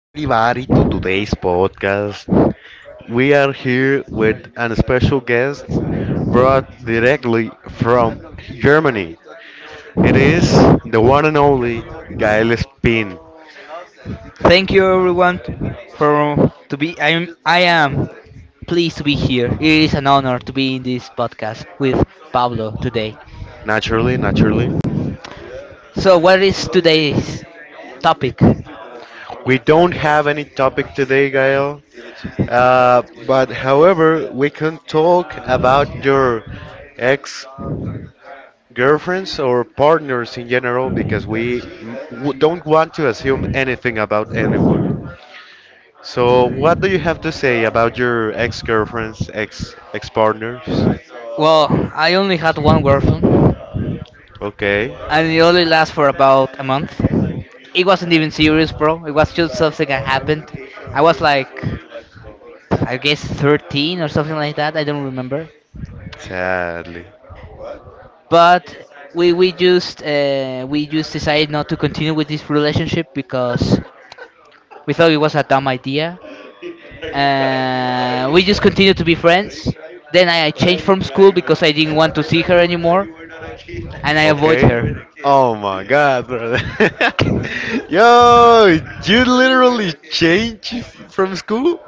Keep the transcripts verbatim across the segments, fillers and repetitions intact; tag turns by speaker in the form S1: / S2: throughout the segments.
S1: everybody, to today's podcast. We are here with a special guest brought directly from Germany. It is the one and only Gael Spin.
S2: Thank you everyone t- for to be I am I am pleased to be here. It is an honor to be in this podcast with Pablo today.
S1: Naturally, naturally.
S2: So what is today's topic?
S1: We don't have any topic today, Gael. Uh, but however, we can talk about your ex girlfriends or partners in general because we w- don't want to assume anything about anyone. So, what do you have to say about your ex-girlfriends, ex ex-partners?
S2: Well, I only had one girlfriend
S1: Okay,
S2: and it only lasts for about a month. It wasn't even serious, bro. It was just something that happened. I was like, I guess thirteen or something like that. I don't remember.
S1: sadly.
S2: But we we just uh, we just decided not to continue with this relationship because we thought it was a dumb idea. Uh, we just continued to be friends. Then I I changed from school because I didn't want to see her anymore, and I avoid
S1: Okay.
S2: her.
S1: Oh my God, brother. Yo, you literally changed from school?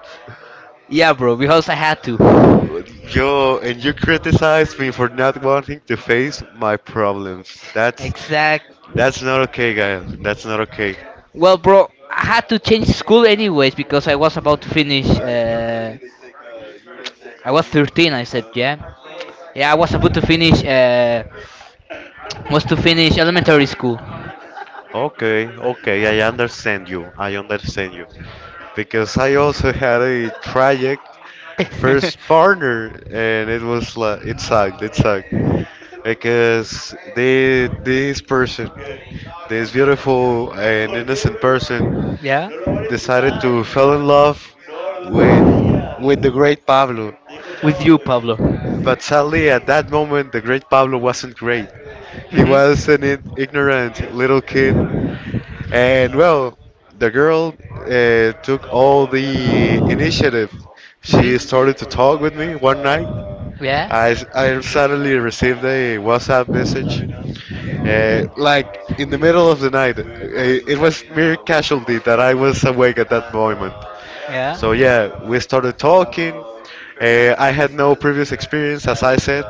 S2: Yeah, bro, because I had to.
S1: Yo, and you criticized me for not wanting to face my problems. That's
S2: Exact.
S1: that's not okay, guys. That's not okay.
S2: Well, bro, I had to change school anyways because I was about to finish uh, I was thirteen. I said, yeah, yeah. I was about to finish. Uh, was to finish elementary school.
S1: Okay, okay, I understand you. I understand you. Because I also had a tragic first partner, and it was like it sucked, it sucked. Because the this person, this beautiful and innocent person
S2: Yeah.
S1: decided to fell in love with with the great Pablo.
S2: With you, Pablo.
S1: But sadly, at that moment the great Pablo wasn't great. He was
S2: Mhm.
S1: an i- ignorant little kid. And well, the girl uh, took all the initiative.
S2: Mhm.
S1: She started to talk with me one night.
S2: Yeah.
S1: I, I suddenly received a WhatsApp message, uh, like in the middle of the night. Uh, It was mere casualty that I was awake at that moment. So yeah, we started talking. Uh, I had no previous experience, as I said.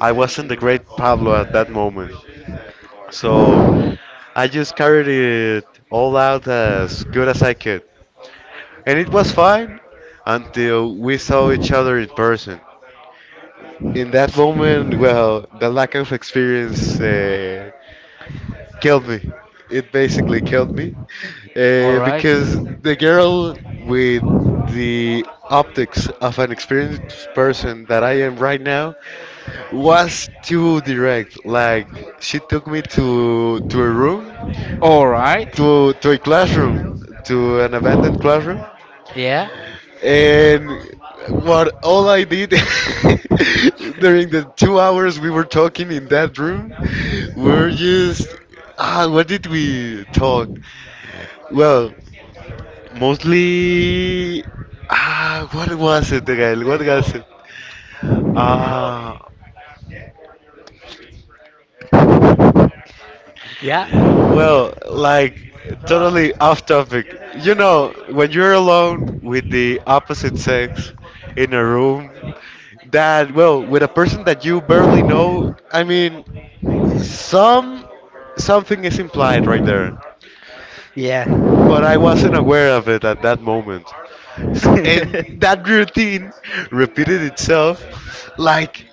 S1: I wasn't the great Pablo at that moment. So I just carried it all out as good as I could. And it was fine until we saw each other in person. In that moment, well, the lack of experience uh, killed me. It basically killed me
S2: All
S1: uh,
S2: right.
S1: because the girl, with the optics of an experienced person that I am right now, was too direct. Like she took me to to a room,
S2: All right.
S1: to to a classroom, to an abandoned classroom,
S2: Yeah.
S1: and what all I did during the two hours we were talking in that room were just ah, what did we talk? Well, mostly ah, what was it, Gael? What was it? Ah,
S2: Yeah.
S1: Well, like totally off topic. You know, when you're alone with the opposite sex in a room, that, well, with a person that you barely know, I mean, some something is implied right there.
S2: Yeah.
S1: But I wasn't aware of it at that moment. S- And that routine repeated itself like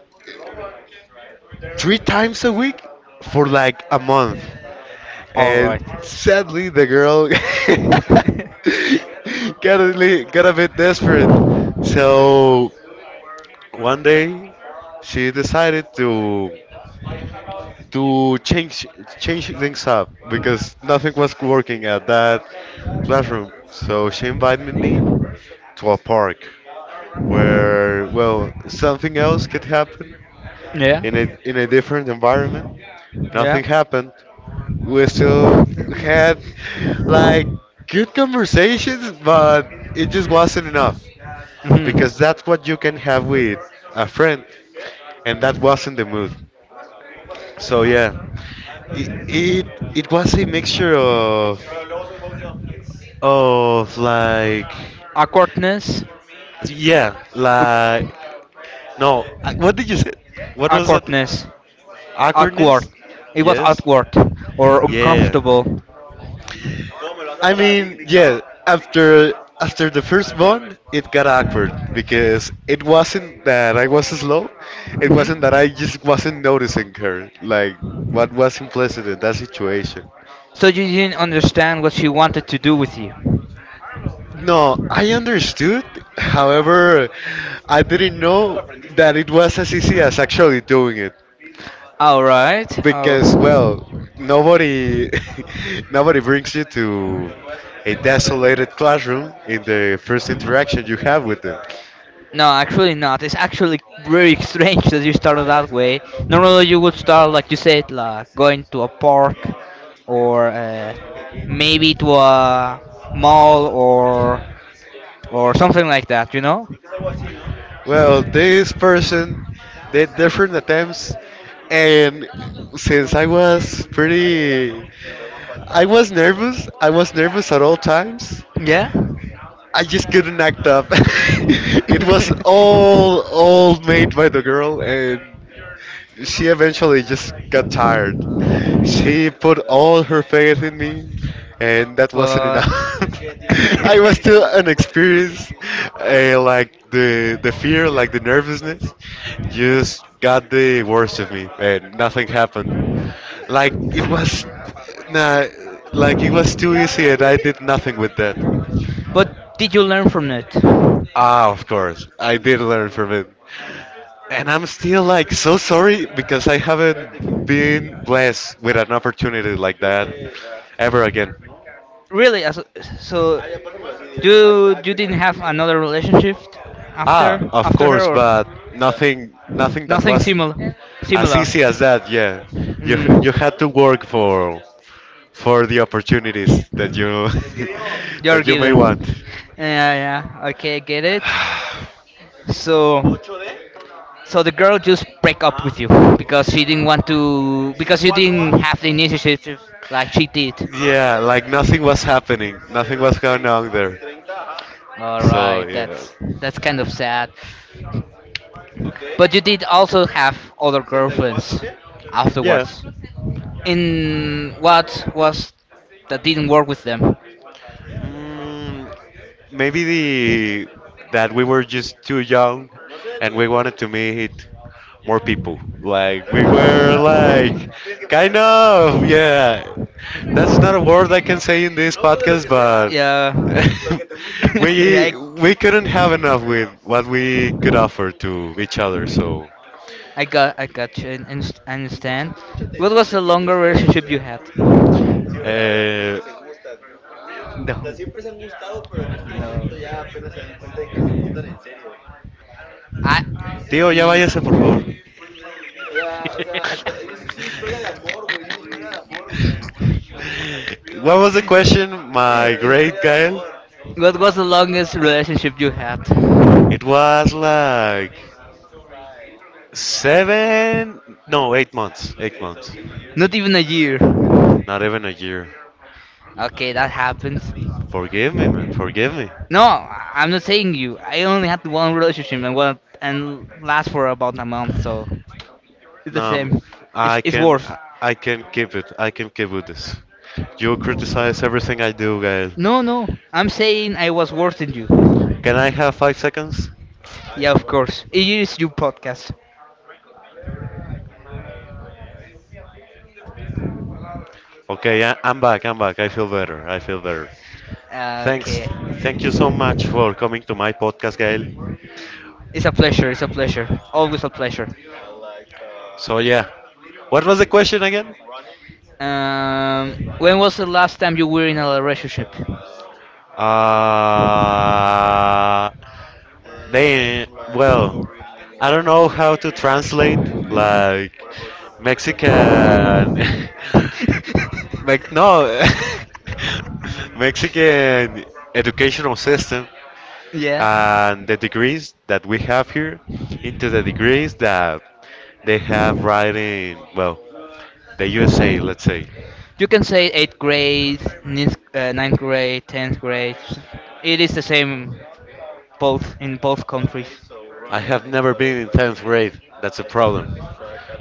S1: three times a week for like a month.
S2: All
S1: And
S2: right.
S1: sadly, the girl got a, li- got a bit desperate. So one day, she decided to to change change things up because nothing was working at that classroom. So she invited me to a park where, well, something else could happen
S2: Yeah.
S1: in a in a different environment.
S2: Yeah.
S1: Nothing happened, we still had like good conversations, but it just wasn't enough
S2: Mhm.
S1: because that's what you can have with a friend, and that wasn't the mood. So yeah, it it, it was a mixture of of like
S2: Awkwardness,
S1: yeah
S2: uh,
S1: like no I- what did you say? What was that
S2: awkwardness, awkward.
S1: awkwardness?
S2: It was
S1: Yes.
S2: awkward or
S1: Yeah.
S2: uncomfortable.
S1: I mean, yeah. After After the first month, it got awkward because it wasn't that I was slow. It wasn't that I
S2: Hmm.
S1: just wasn't noticing her. Like what was implicit in that situation.
S2: So you didn't understand what she wanted to do with you.
S1: No, I understood. However, I didn't know that it was as easy as actually doing it
S2: All right. All
S1: because, well,
S2: right.
S1: nobody nobody brings you to a desolated classroom in the first interaction you have with them.
S2: No, actually not. It's actually very strange that you started that way. Normally, you would start like you said, like going to a park, or uh, maybe to a mall, or or something like that. You know?
S1: Well, this person did different attempts, and since I was pretty, I was nervous. I was nervous at all times.
S2: Yeah.
S1: I just couldn't act up. It was all all made by the girl, and she eventually just got tired. She put all her faith in me, and that wasn't
S2: But
S1: enough. I was still inexperienced, and like the the fear, like the nervousness, just got the worst of me, and nothing happened. Like it was, nah, like it was too easy, and I did nothing with that.
S2: but did you learn from it?
S1: Ah, of course, I did learn from it. And I'm still like so sorry because I haven't been blessed with an opportunity like that ever again.
S2: Really? as- So you you didn't have another relationship
S1: Ah,
S2: after
S1: of
S2: after her
S1: course,
S2: or?
S1: but nothing nothing that
S2: Nothing
S1: was
S2: similar.
S1: as
S2: Similar.
S1: easy as that. Yeah. You
S2: Mm,
S1: you had to work for for the opportunities that you
S2: you're
S1: that you may want.
S2: given. Yeah, yeah. Okay, get it. So, so the girl just break up with you because she didn't want to because you didn't have the initiative like she did.
S1: Yeah, like nothing was happening. Nothing was going on there.
S2: All
S1: So,
S2: right,
S1: yeah.
S2: that's that's kind of sad. But you did also have other girlfriends
S1: Yeah.
S2: afterwards. In what was that didn't work with them?
S1: Mm, maybe the that we were just too young and we wanted to meet more people. Like we were like kind of yeah. That's not a word I can say in this podcast, but
S2: Yeah. Yeah.
S1: we we couldn't have enough with what we could offer to each other. So
S2: I got, I got you. and and s- I understand. What was the longer relationship you had? No.
S1: uh,
S2: No. I.
S1: Tío, ya
S2: Y...
S1: váyase, por favor. O güey. What was the question, my Una great Gael?
S2: What was the longest relationship you had?
S1: It was like seven, no, eight months, eight months,
S2: Not even a year.
S1: not even a year.
S2: Okay, that happens.
S1: Forgive me, man, forgive me.
S2: No, I- I'm not saying you. I only had one relationship and one and last for about a month, so it's the
S1: No,
S2: same.
S1: i
S2: It's
S1: I
S2: it's
S1: can,
S2: worse.
S1: I can keep it. I can keep with this. You criticize everything I do, Gael.
S2: No, no, I'm saying I was worse than you.
S1: Can I have five seconds?
S2: Yeah, of course. It is your podcast.
S1: Okay, I- I'm back. I'm back. I feel better. I feel better. Thanks.
S2: Okay.
S1: Thank you so much for coming to my podcast, Gael.
S2: It's a pleasure. It's a pleasure. Always a pleasure.
S1: So, yeah. What was the question again?
S2: Um, when was the last time you were in a relationship?
S1: Uh, they, well, I don't know how to translate, like, Mexican. Mex no, Mexican educational system.
S2: Yeah.
S1: And the degrees that we have here into the degrees that they have right in, well, the U S A, let's say.
S2: You can say eighth grade, ninth, uh, ninth grade, tenth grade. It is the same both in both countries.
S1: I have never been in tenth grade. That's a problem.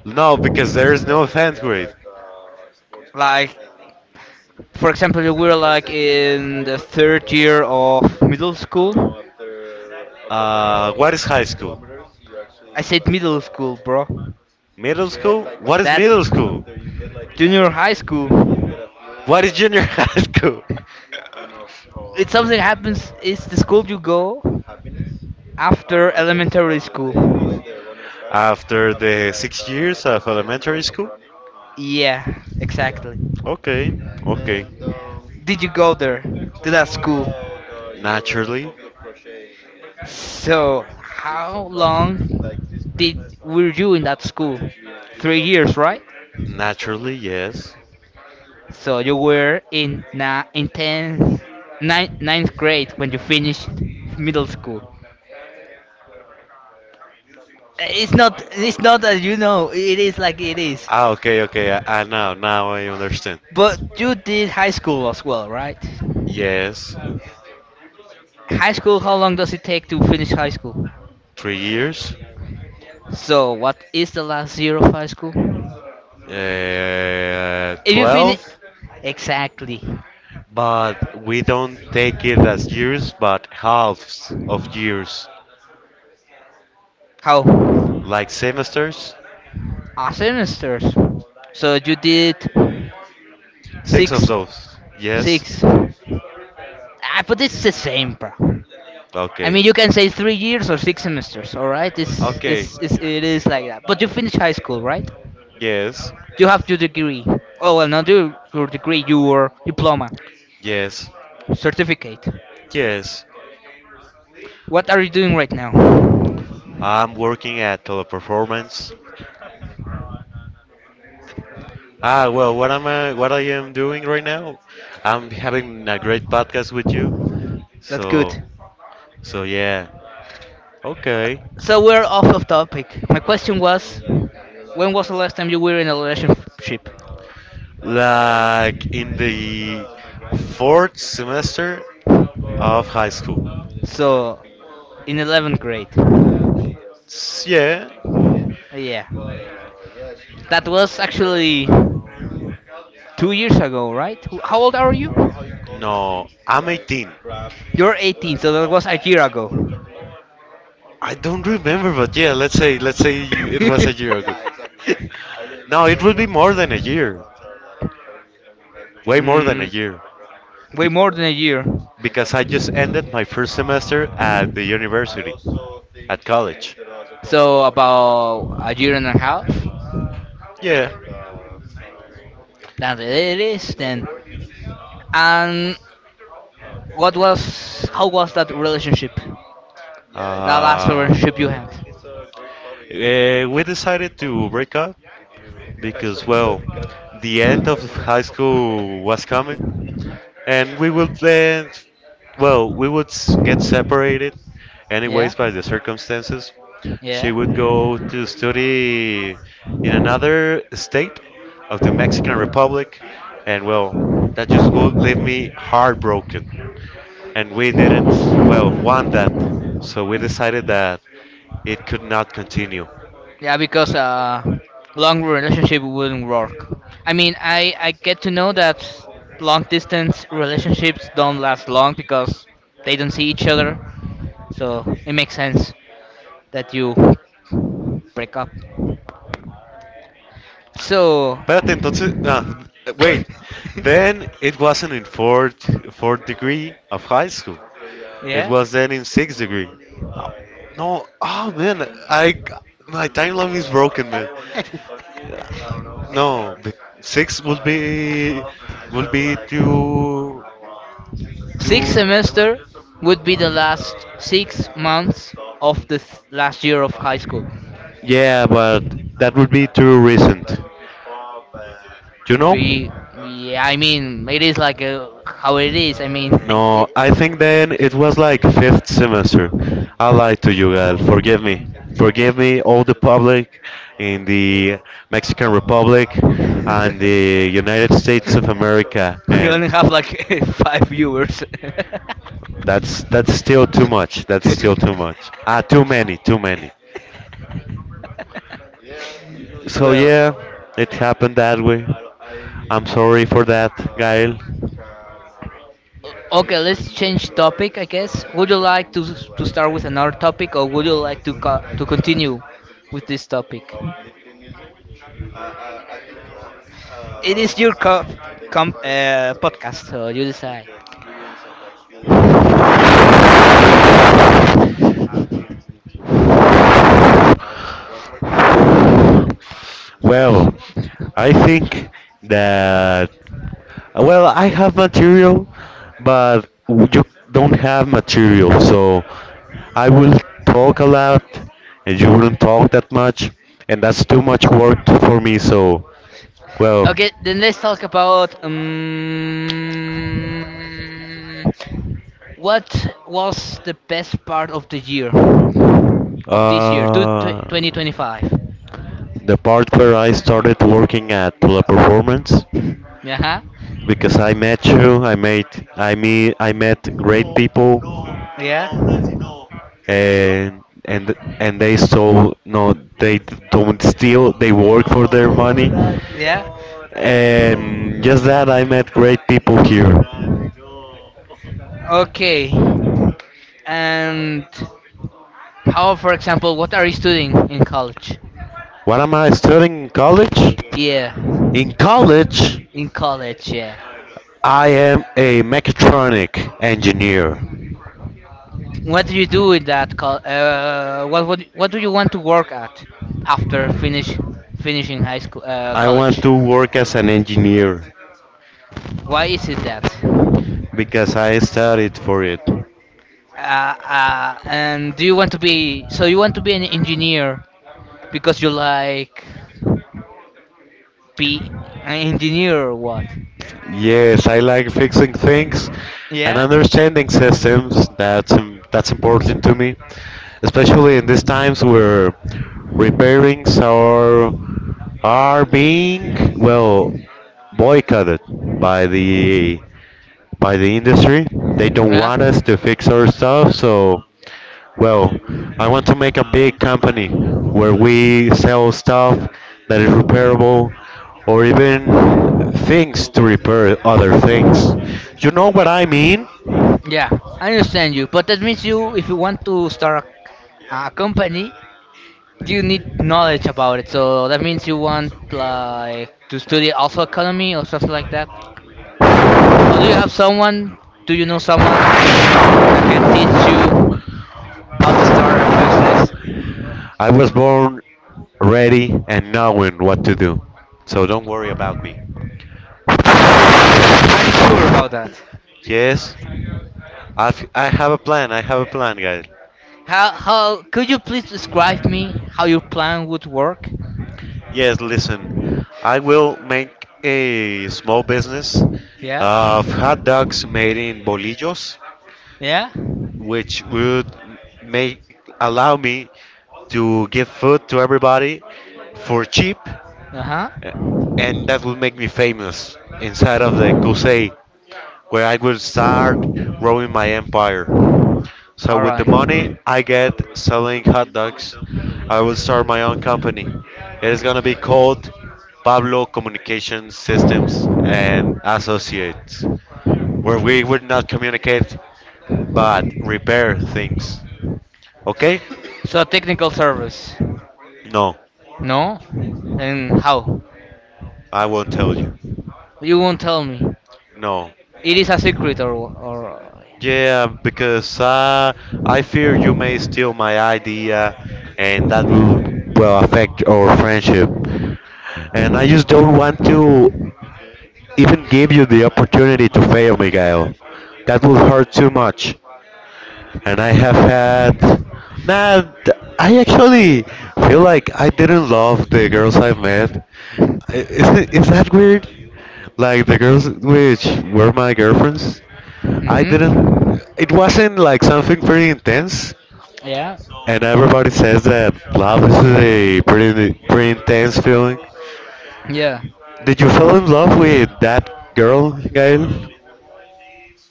S1: No, because there is no tenth grade.
S2: Like for example, we were like in the third year of middle school.
S1: Uh, what is high school?
S2: I said middle school, bro.
S1: Middle school? What is
S2: That
S1: middle school?
S2: junior high school.
S1: What is junior high school?
S2: It's something happens. It's the school you go after elementary school.
S1: After the six years of elementary school?
S2: Yeah, exactly.
S1: Okay, okay.
S2: Did you go there to that school?
S1: Naturally.
S2: So, how long did were you in that school? Three years, right?
S1: Naturally, yes.
S2: So you were in na in tenth ninth, ninth grade when you finished middle school. It's not it's not that you know it is like it is,
S1: Ah, okay, okay. I, I now now I understand.
S2: but you did high school as well, right?
S1: Yes,
S2: High school, how long does it take to finish high school?
S1: three years,
S2: So what is the last year of high school?
S1: uh,
S2: If you finish
S1: twelve,
S2: exactly
S1: but we don't take it as years, but halves of years,
S2: how?
S1: like semesters.
S2: Our semesters. So you did
S1: Six of
S2: six,
S1: those. Yes.
S2: six. Ah, but it's the same, bro. I
S1: Okay.
S2: mean, you can say three years or six semesters. All right, it's,
S1: Okay.
S2: it's, it's It is like that. But you finish high school, right?
S1: Yes.
S2: You have your degree. Oh well, not your, your degree, your diploma,
S1: Yes.
S2: certificate.
S1: Yes.
S2: What are you doing right now?
S1: I'm working at Teleperformance. Ah, well, what am I, what I am doing right now? I'm having a great podcast with you.
S2: That's
S1: So,
S2: good.
S1: so yeah. Okay.
S2: So we're off of topic. My question was, when was the last time you were in a relationship?
S1: Like in the fourth semester of high school.
S2: So, in eleventh grade.
S1: S- Yeah.
S2: Yeah. That was actually two years ago, right? Wh- How old are you?
S1: No, I'm eighteen.
S2: You're eighteen, so that was a year ago.
S1: I don't remember, but yeah, let's say let's say you, it was a year ago. No, it would be more than a year. Way more than a
S2: Mm,
S1: year.
S2: way
S1: Be-
S2: more than a year.
S1: because I just ended my first semester at the university, at college.
S2: So, about a year and a half?
S1: Yeah.
S2: That it is then. And what was. How was that relationship?
S1: Yeah,
S2: That last relationship you had.
S1: Uh, eh, we decided to break up because, yeah, well, the yeah, end of high school was coming, and we would then, well, we would s- get separated
S2: Yeah,
S1: anyways, by the circumstances. She
S2: yeah,
S1: would go to study in another state of the Mexican Republic, and well, that just would leave me heartbroken, and we didn't well want that, so we decided that it could not continue.
S2: yeah. Because uh, long relationship wouldn't work. I mean, I I get to know that long distance relationships don't last long because they don't see each other. So it makes sense that you break up. So,
S1: Espérate, entonces, ah, wait. Then it wasn't in fourth fourth degree of high school. It
S2: yeah.
S1: was then in sixth degree. No, oh man, I my timeline is broken, man. No, the six would be would be too
S2: Sixth
S1: too.
S2: semester would be the last six months of the th- last year of high school.
S1: Yeah, but that would be too recent. You know?
S2: Be, yeah, I mean, it is like a, how it is. I mean,
S1: No,
S2: it,
S1: I think then it was like fifth semester.
S2: it,
S1: I lied to you, girl. Forgive me. Forgive me, all the public in the Mexican Republic and the United States of America,
S2: we
S1: and
S2: only have like five viewers.
S1: that's that's still too much. That's still too much. Ah, too many, too many. So
S2: well,
S1: yeah, it happened that way. I'm sorry for that, Gail.
S2: o- okay, let's change topic, I guess. Would you like to to start with another topic, or would you like to co- to continue with this topic? It is your co- com- uh, podcast, so you decide.
S1: What what do you think about music? Well, I think that uh, well, I have material, but w- you don't have material, so I will talk a lot, and you wouldn't talk that much, and that's too much work for me. So, well,
S2: Okay, then let's talk about um, what was the best part of the year of this year, two- tw-
S1: uh,
S2: twenty twenty-five.
S1: the part where I started working at Teleperformance,
S2: Yeah.
S1: because I met you. I met I meet I met great people,
S2: Yeah.
S1: and and and they so no they don't steal. They work for their money,
S2: Yeah.
S1: and just that I met great people here.
S2: Okay. And how, for example, what are you studying in college?
S1: What am I studying in college?
S2: Yeah,
S1: In college,
S2: in college. Yeah.
S1: I am a mechatronic engineer.
S2: What do you do in that college? Uh, what what what do you want to work at after finish finishing high school uh,
S1: I want
S2: college?
S1: to work as an engineer.
S2: Why is it that?
S1: Because I studied for it.
S2: Uh, uh, and do you want to be so you want to be an engineer because you like be an engineer or what?
S1: Yes, I like fixing things and
S2: Yeah.
S1: understanding systems. That's im- that's important to me, especially in these times where repairings are are being well boycotted by the by the industry. They don't
S2: Yeah.
S1: want us to fix our stuff, so well, I want to make a big company where we sell stuff that is repairable, or even things to repair other things. You know what I mean?
S2: Yeah. I understand you, but that means you if you want to start a, a company, you need knowledge about it, so that means you want like to study also economy or something like that. Or do you have someone? Do you know someone that can teach you how to start a business?
S1: I was born ready and knowing what to do. So don't worry about me.
S2: Sh- Are you sure about that?
S1: Yes, I've, I have a plan. I have a plan, guys.
S2: How how could you please describe me how your plan would work?
S1: Yes, listen, I will make a small business
S2: Yeah,
S1: of hot dogs made in bolillos
S2: yeah.
S1: which would make allow me to give food to everybody for cheap,
S2: Uh
S1: uh,
S2: huh.
S1: and that would make me famous inside of the crusade, where I would start growing my empire. So
S2: All
S1: with the
S2: right.
S1: money I get selling hot dogs, I will start my own company. It is gonna be called Pablo Communication Systems and Associates, where we would not communicate but repair things. Okay?
S2: So technical service.
S1: No,
S2: No. And how?
S1: I won't tell you.
S2: You won't tell me.
S1: No.
S2: It is a secret or or
S1: Yeah, because uh, I fear you may steal my idea, and that will well affect our friendship. And I just don't want to even give you the opportunity to fail, Miguel. That will hurt too much. And I have had. Nah, th- I actually feel like I didn't love the girls I met. I- Is, it, is that weird? Like the girls which were my girlfriends? I
S2: mhm.
S1: didn't. It wasn't like something very intense,
S2: Yeah.
S1: and everybody says that love is a pretty pretty intense feeling.
S2: Yeah.
S1: Did you fall in love with that girl, Gail?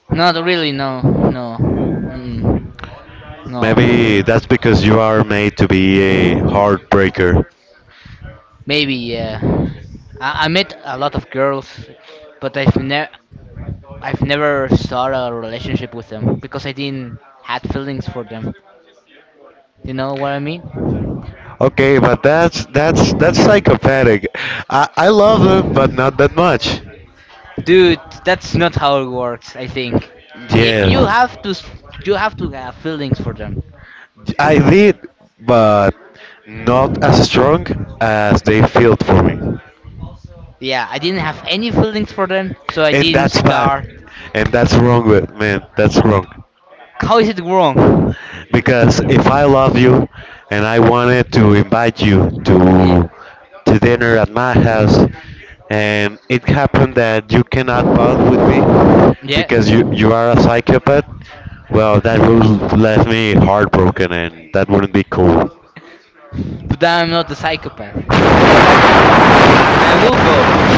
S2: Not really. No. No. Mm.
S1: Maybe
S2: No.
S1: that's because you are made to be a heartbreaker.
S2: Maybe. Yeah. I, I met a lot of girls, but I've never I've never started a relationship with them because I didn't had feelings for them. You know what I mean?
S1: Okay, but that's that's that's psychopathic. I I love them, but not that much.
S2: Dude, that's not how it works. I think I you
S1: Yeah,
S2: have to s- you have to have feelings for them.
S1: I did, but not as strong as they felt for me.
S2: Yeah, I didn't have any feelings for them, so I
S1: And
S2: didn't
S1: that's bad,
S2: start.
S1: and that's wrong with man, that's wrong,
S2: How is it wrong?
S1: because if I love you and I wanted to invite you
S2: Yeah.
S1: to to dinner at my house, and it happened that you cannot bond with me
S2: Yeah.
S1: because you you are a psychopath, well, that would left me heartbroken, and that wouldn't be cool.
S2: But then I'm not a psychopath. And I will go.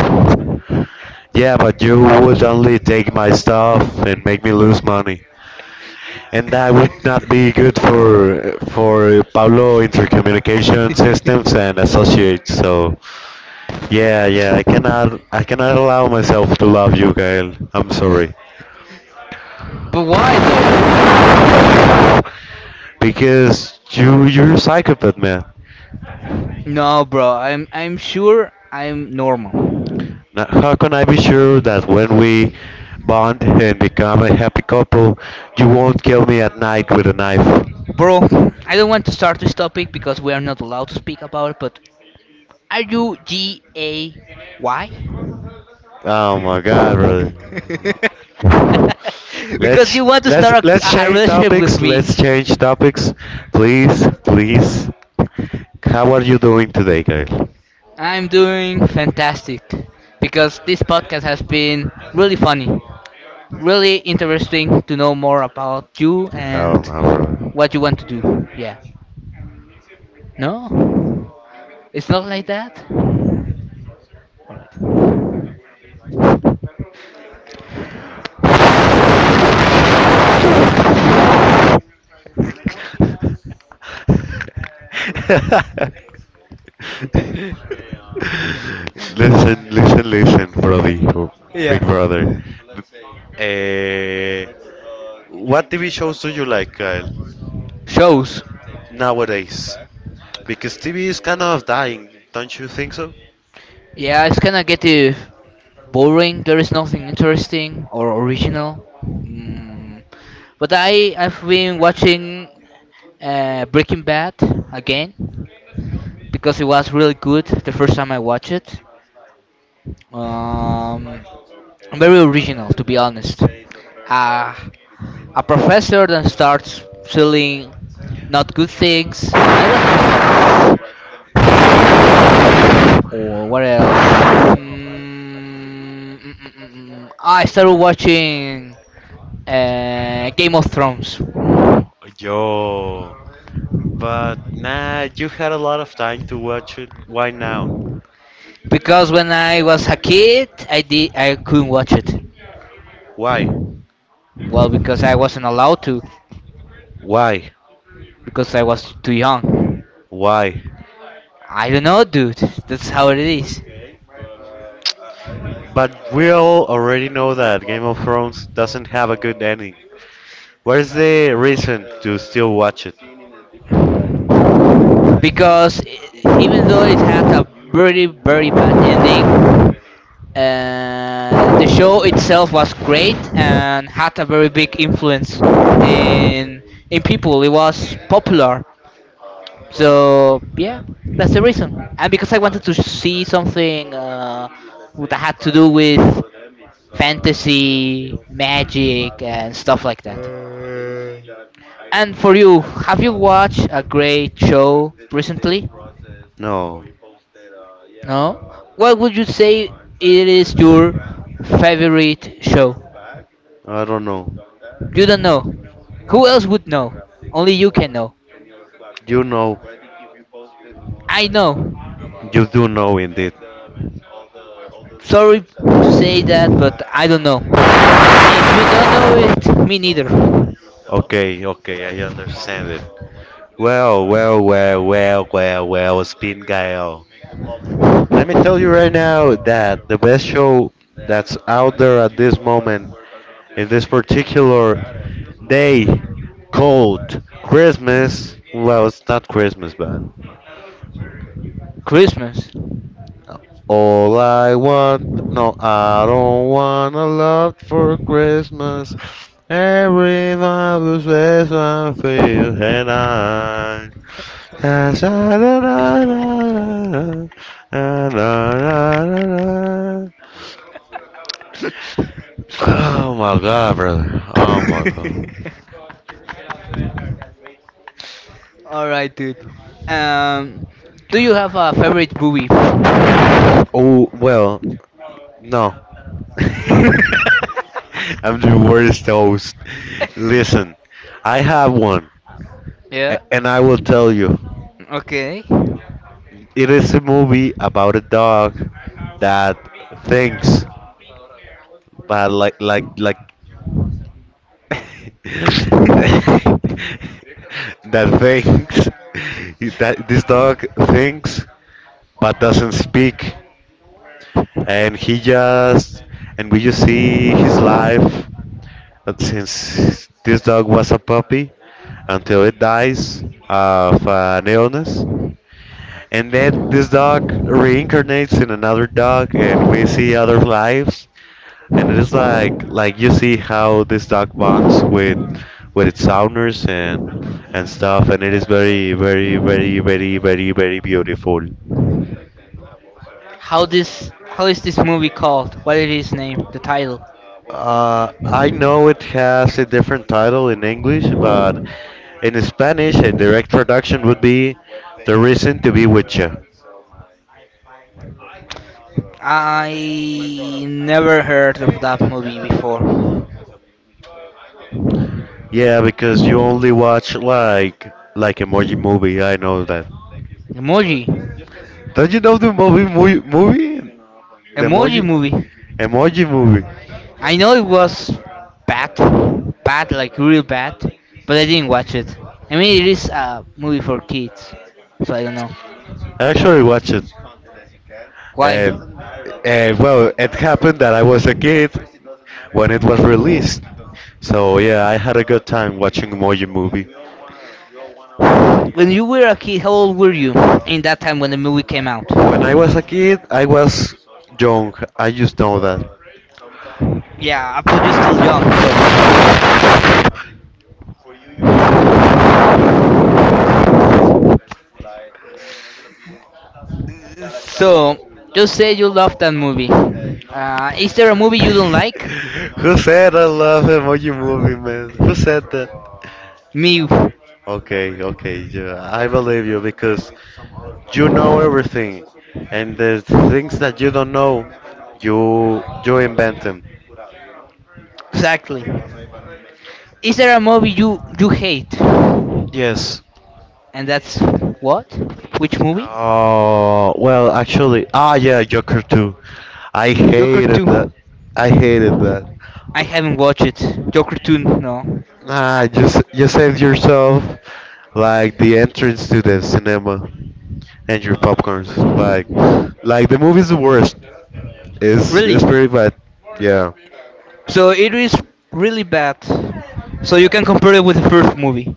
S1: Yeah, but you would only take my stuff and make me lose money. And that would not be good for for Pablo Intercommunication Systems and Associates. So, yeah, yeah, I cannot I cannot allow myself to love you, Gael. I'm sorry.
S2: But why though?
S1: Because you you're a psychopath, man.
S2: No, bro. I'm I'm sure I'm normal.
S1: Now, how can I be sure that when we bond and become a happy couple, you won't kill me at night with a knife?
S2: Bro, I don't want to start this topic because we are not allowed to speak about it, but are you G A Y?
S1: Oh my God, brother.
S2: Because
S1: Let's
S2: you want to
S1: let's
S2: start
S1: let's
S2: a, a
S1: change
S2: relationship with
S1: topics.
S2: me.
S1: Let's change topics, please, please. How are you doing today, Kyle?
S2: I'm doing fantastic because this podcast has been really funny, really interesting to know more about you and
S1: Oh no,
S2: what you want to do. Yeah. No? It's not like that?
S1: brother. listen, listen, listen, Brody, or Big
S2: Yeah.
S1: Brother. Eh, what T V shows do you like, Kyle,
S2: Shows.
S1: nowadays? Because T V is kind of dying, don't you think so?
S2: Yeah, it's kind of getting boring. There is nothing interesting or original. Mm. But I, I've been watching uh, Breaking Bad again, because it was really good the first time I watched it. Um, Very original, to be honest. Uh, a professor then starts selling not good things, and it was just fun. Or what else? Mm, mm, mm, mm, mm. Ah, I started watching uh, Game of Thrones
S1: Yo, but nah, you had a lot of time to watch it. Why now?
S2: because when I was a kid, I did I couldn't watch it.
S1: Why?
S2: Well, because I wasn't allowed to
S1: Why?
S2: because I was too young.
S1: Why?
S2: I don't know, dude. That's how it is.
S1: But we all already know that Game of Thrones doesn't have a good ending. What is the reason to still watch it?
S2: Because e- even though it had a very, very bad ending, uh, the show itself was great and had a very big influence in in people. It was popular. So yeah, that's the reason. And because I wanted to see something uh, that had to do with fantasy, magic, and stuff like that.
S1: Uh,
S2: And for you, have you watched a great show recently?
S1: No.
S2: No? What would you say it
S1: I
S2: is your favorite show?
S1: don't know.
S2: You
S1: You
S2: don't know. Who else would know? Only you can know.
S1: know.
S2: I know.
S1: You do know indeed.
S2: Sorry to say that, but I don't know. If you don't know it, me neither.
S1: Okay, okay, I understand it. Well, well, well, well, well, well, Spin Gael. Let me tell you right now that the best show that's out there at this moment, in this particular day called Christmas, well, it's not Christmas, but
S2: Christmas.
S1: all I want, no, I don't want a lot for Christmas. Every love is best I feel and I. Da- da- da- da- da- da- da- da- da- da. Oh my god, brother. Oh my god.
S2: All right, dude. Um, do you have a favorite movie?
S1: Oh, well, no. I'm the worst host. Listen, I have one, a-
S2: Yeah.
S1: and I will tell you.
S2: Okay.
S1: It is a movie about a dog that thinks, but like like like that thinks that this dog thinks but doesn't speak, and he just and we just see his life that since this dog was a puppy until it dies of an illness. And then this dog reincarnates in another dog, and we see other lives. And it is like like you see how this dog bonds with with its owners and and stuff, and it is very very very very very very beautiful.
S2: How this? How is this movie called? What is its name? The title?
S1: Uh, I know it has a different title in English, but in Spanish, a direct traduction would be "The Reason to Be With You."
S2: I never heard of that movie before.
S1: Yeah, because you only watch like like emoji movie. I know that.
S2: Emoji.
S1: Don't you know the movie movie movie? The
S2: Emoji
S1: emoji
S2: movie.
S1: emoji movie.
S2: I know it was bad, bad like real bad, but I didn't watch it. I mean, it is a movie for kids, so I don't know
S1: I actually watched it,
S2: why.
S1: and and well, it happened that I was a kid when it was released. So yeah, I had a good time watching Emoji Movie.
S2: When you were a kid, how old were you in that time when the movie came out?
S1: When I was a kid, I was young. I just know
S2: Yeah, uh, but you're still young. Sorry.
S1: that.
S2: So, just say you love that movie. Uh, is there a movie you don't like?
S1: Who said I love emoji movie, man? Who said that?
S2: Me,
S1: Okay, okay, yeah, I believe you because you know everything, and the things that you don't know, you you invent them.
S2: exactly. Is there a movie you you hate? And
S1: Yes.
S2: that's what? Which movie?
S1: Oh well, actually, ah yeah, Joker two. I
S2: Joker
S1: hated that.
S2: two.
S1: I hated that.
S2: I haven't watched it. Joker two, no.
S1: Ah,
S2: I-
S1: you s- you saved yourself like the entrance to the cinema and your popcorns. Like, like the movie's the worst. It's
S2: Really?
S1: it's pretty bad. Yeah.
S2: So it is really bad. So you can compare it with the first movie.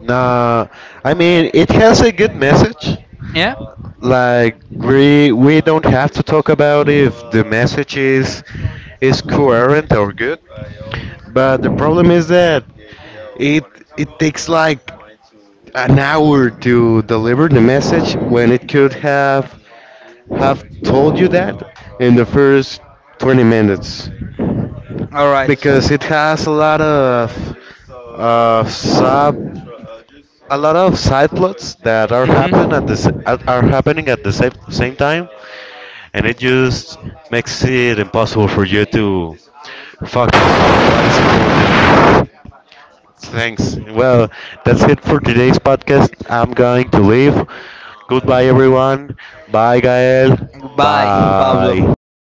S1: Nah, I mean it has a good message.
S2: Yeah?
S1: Like we we don't have to talk about if the message is is coherent or good. But the problem is that it it takes like an hour to deliver the message when it could have have told you that in the first twenty minutes,
S2: Alright.
S1: because it has a lot of uh, sub a lot of side plots that are happen at the s-
S2: Hmm.
S1: at- are happening at the same same time, and it just makes it impossible for you to focus on what is important. Thanks. Well, that's it for today's podcast. I'm going to leave. Goodbye, everyone. Bye, Gael.
S2: Bye,
S1: Bye.
S2: Pablo.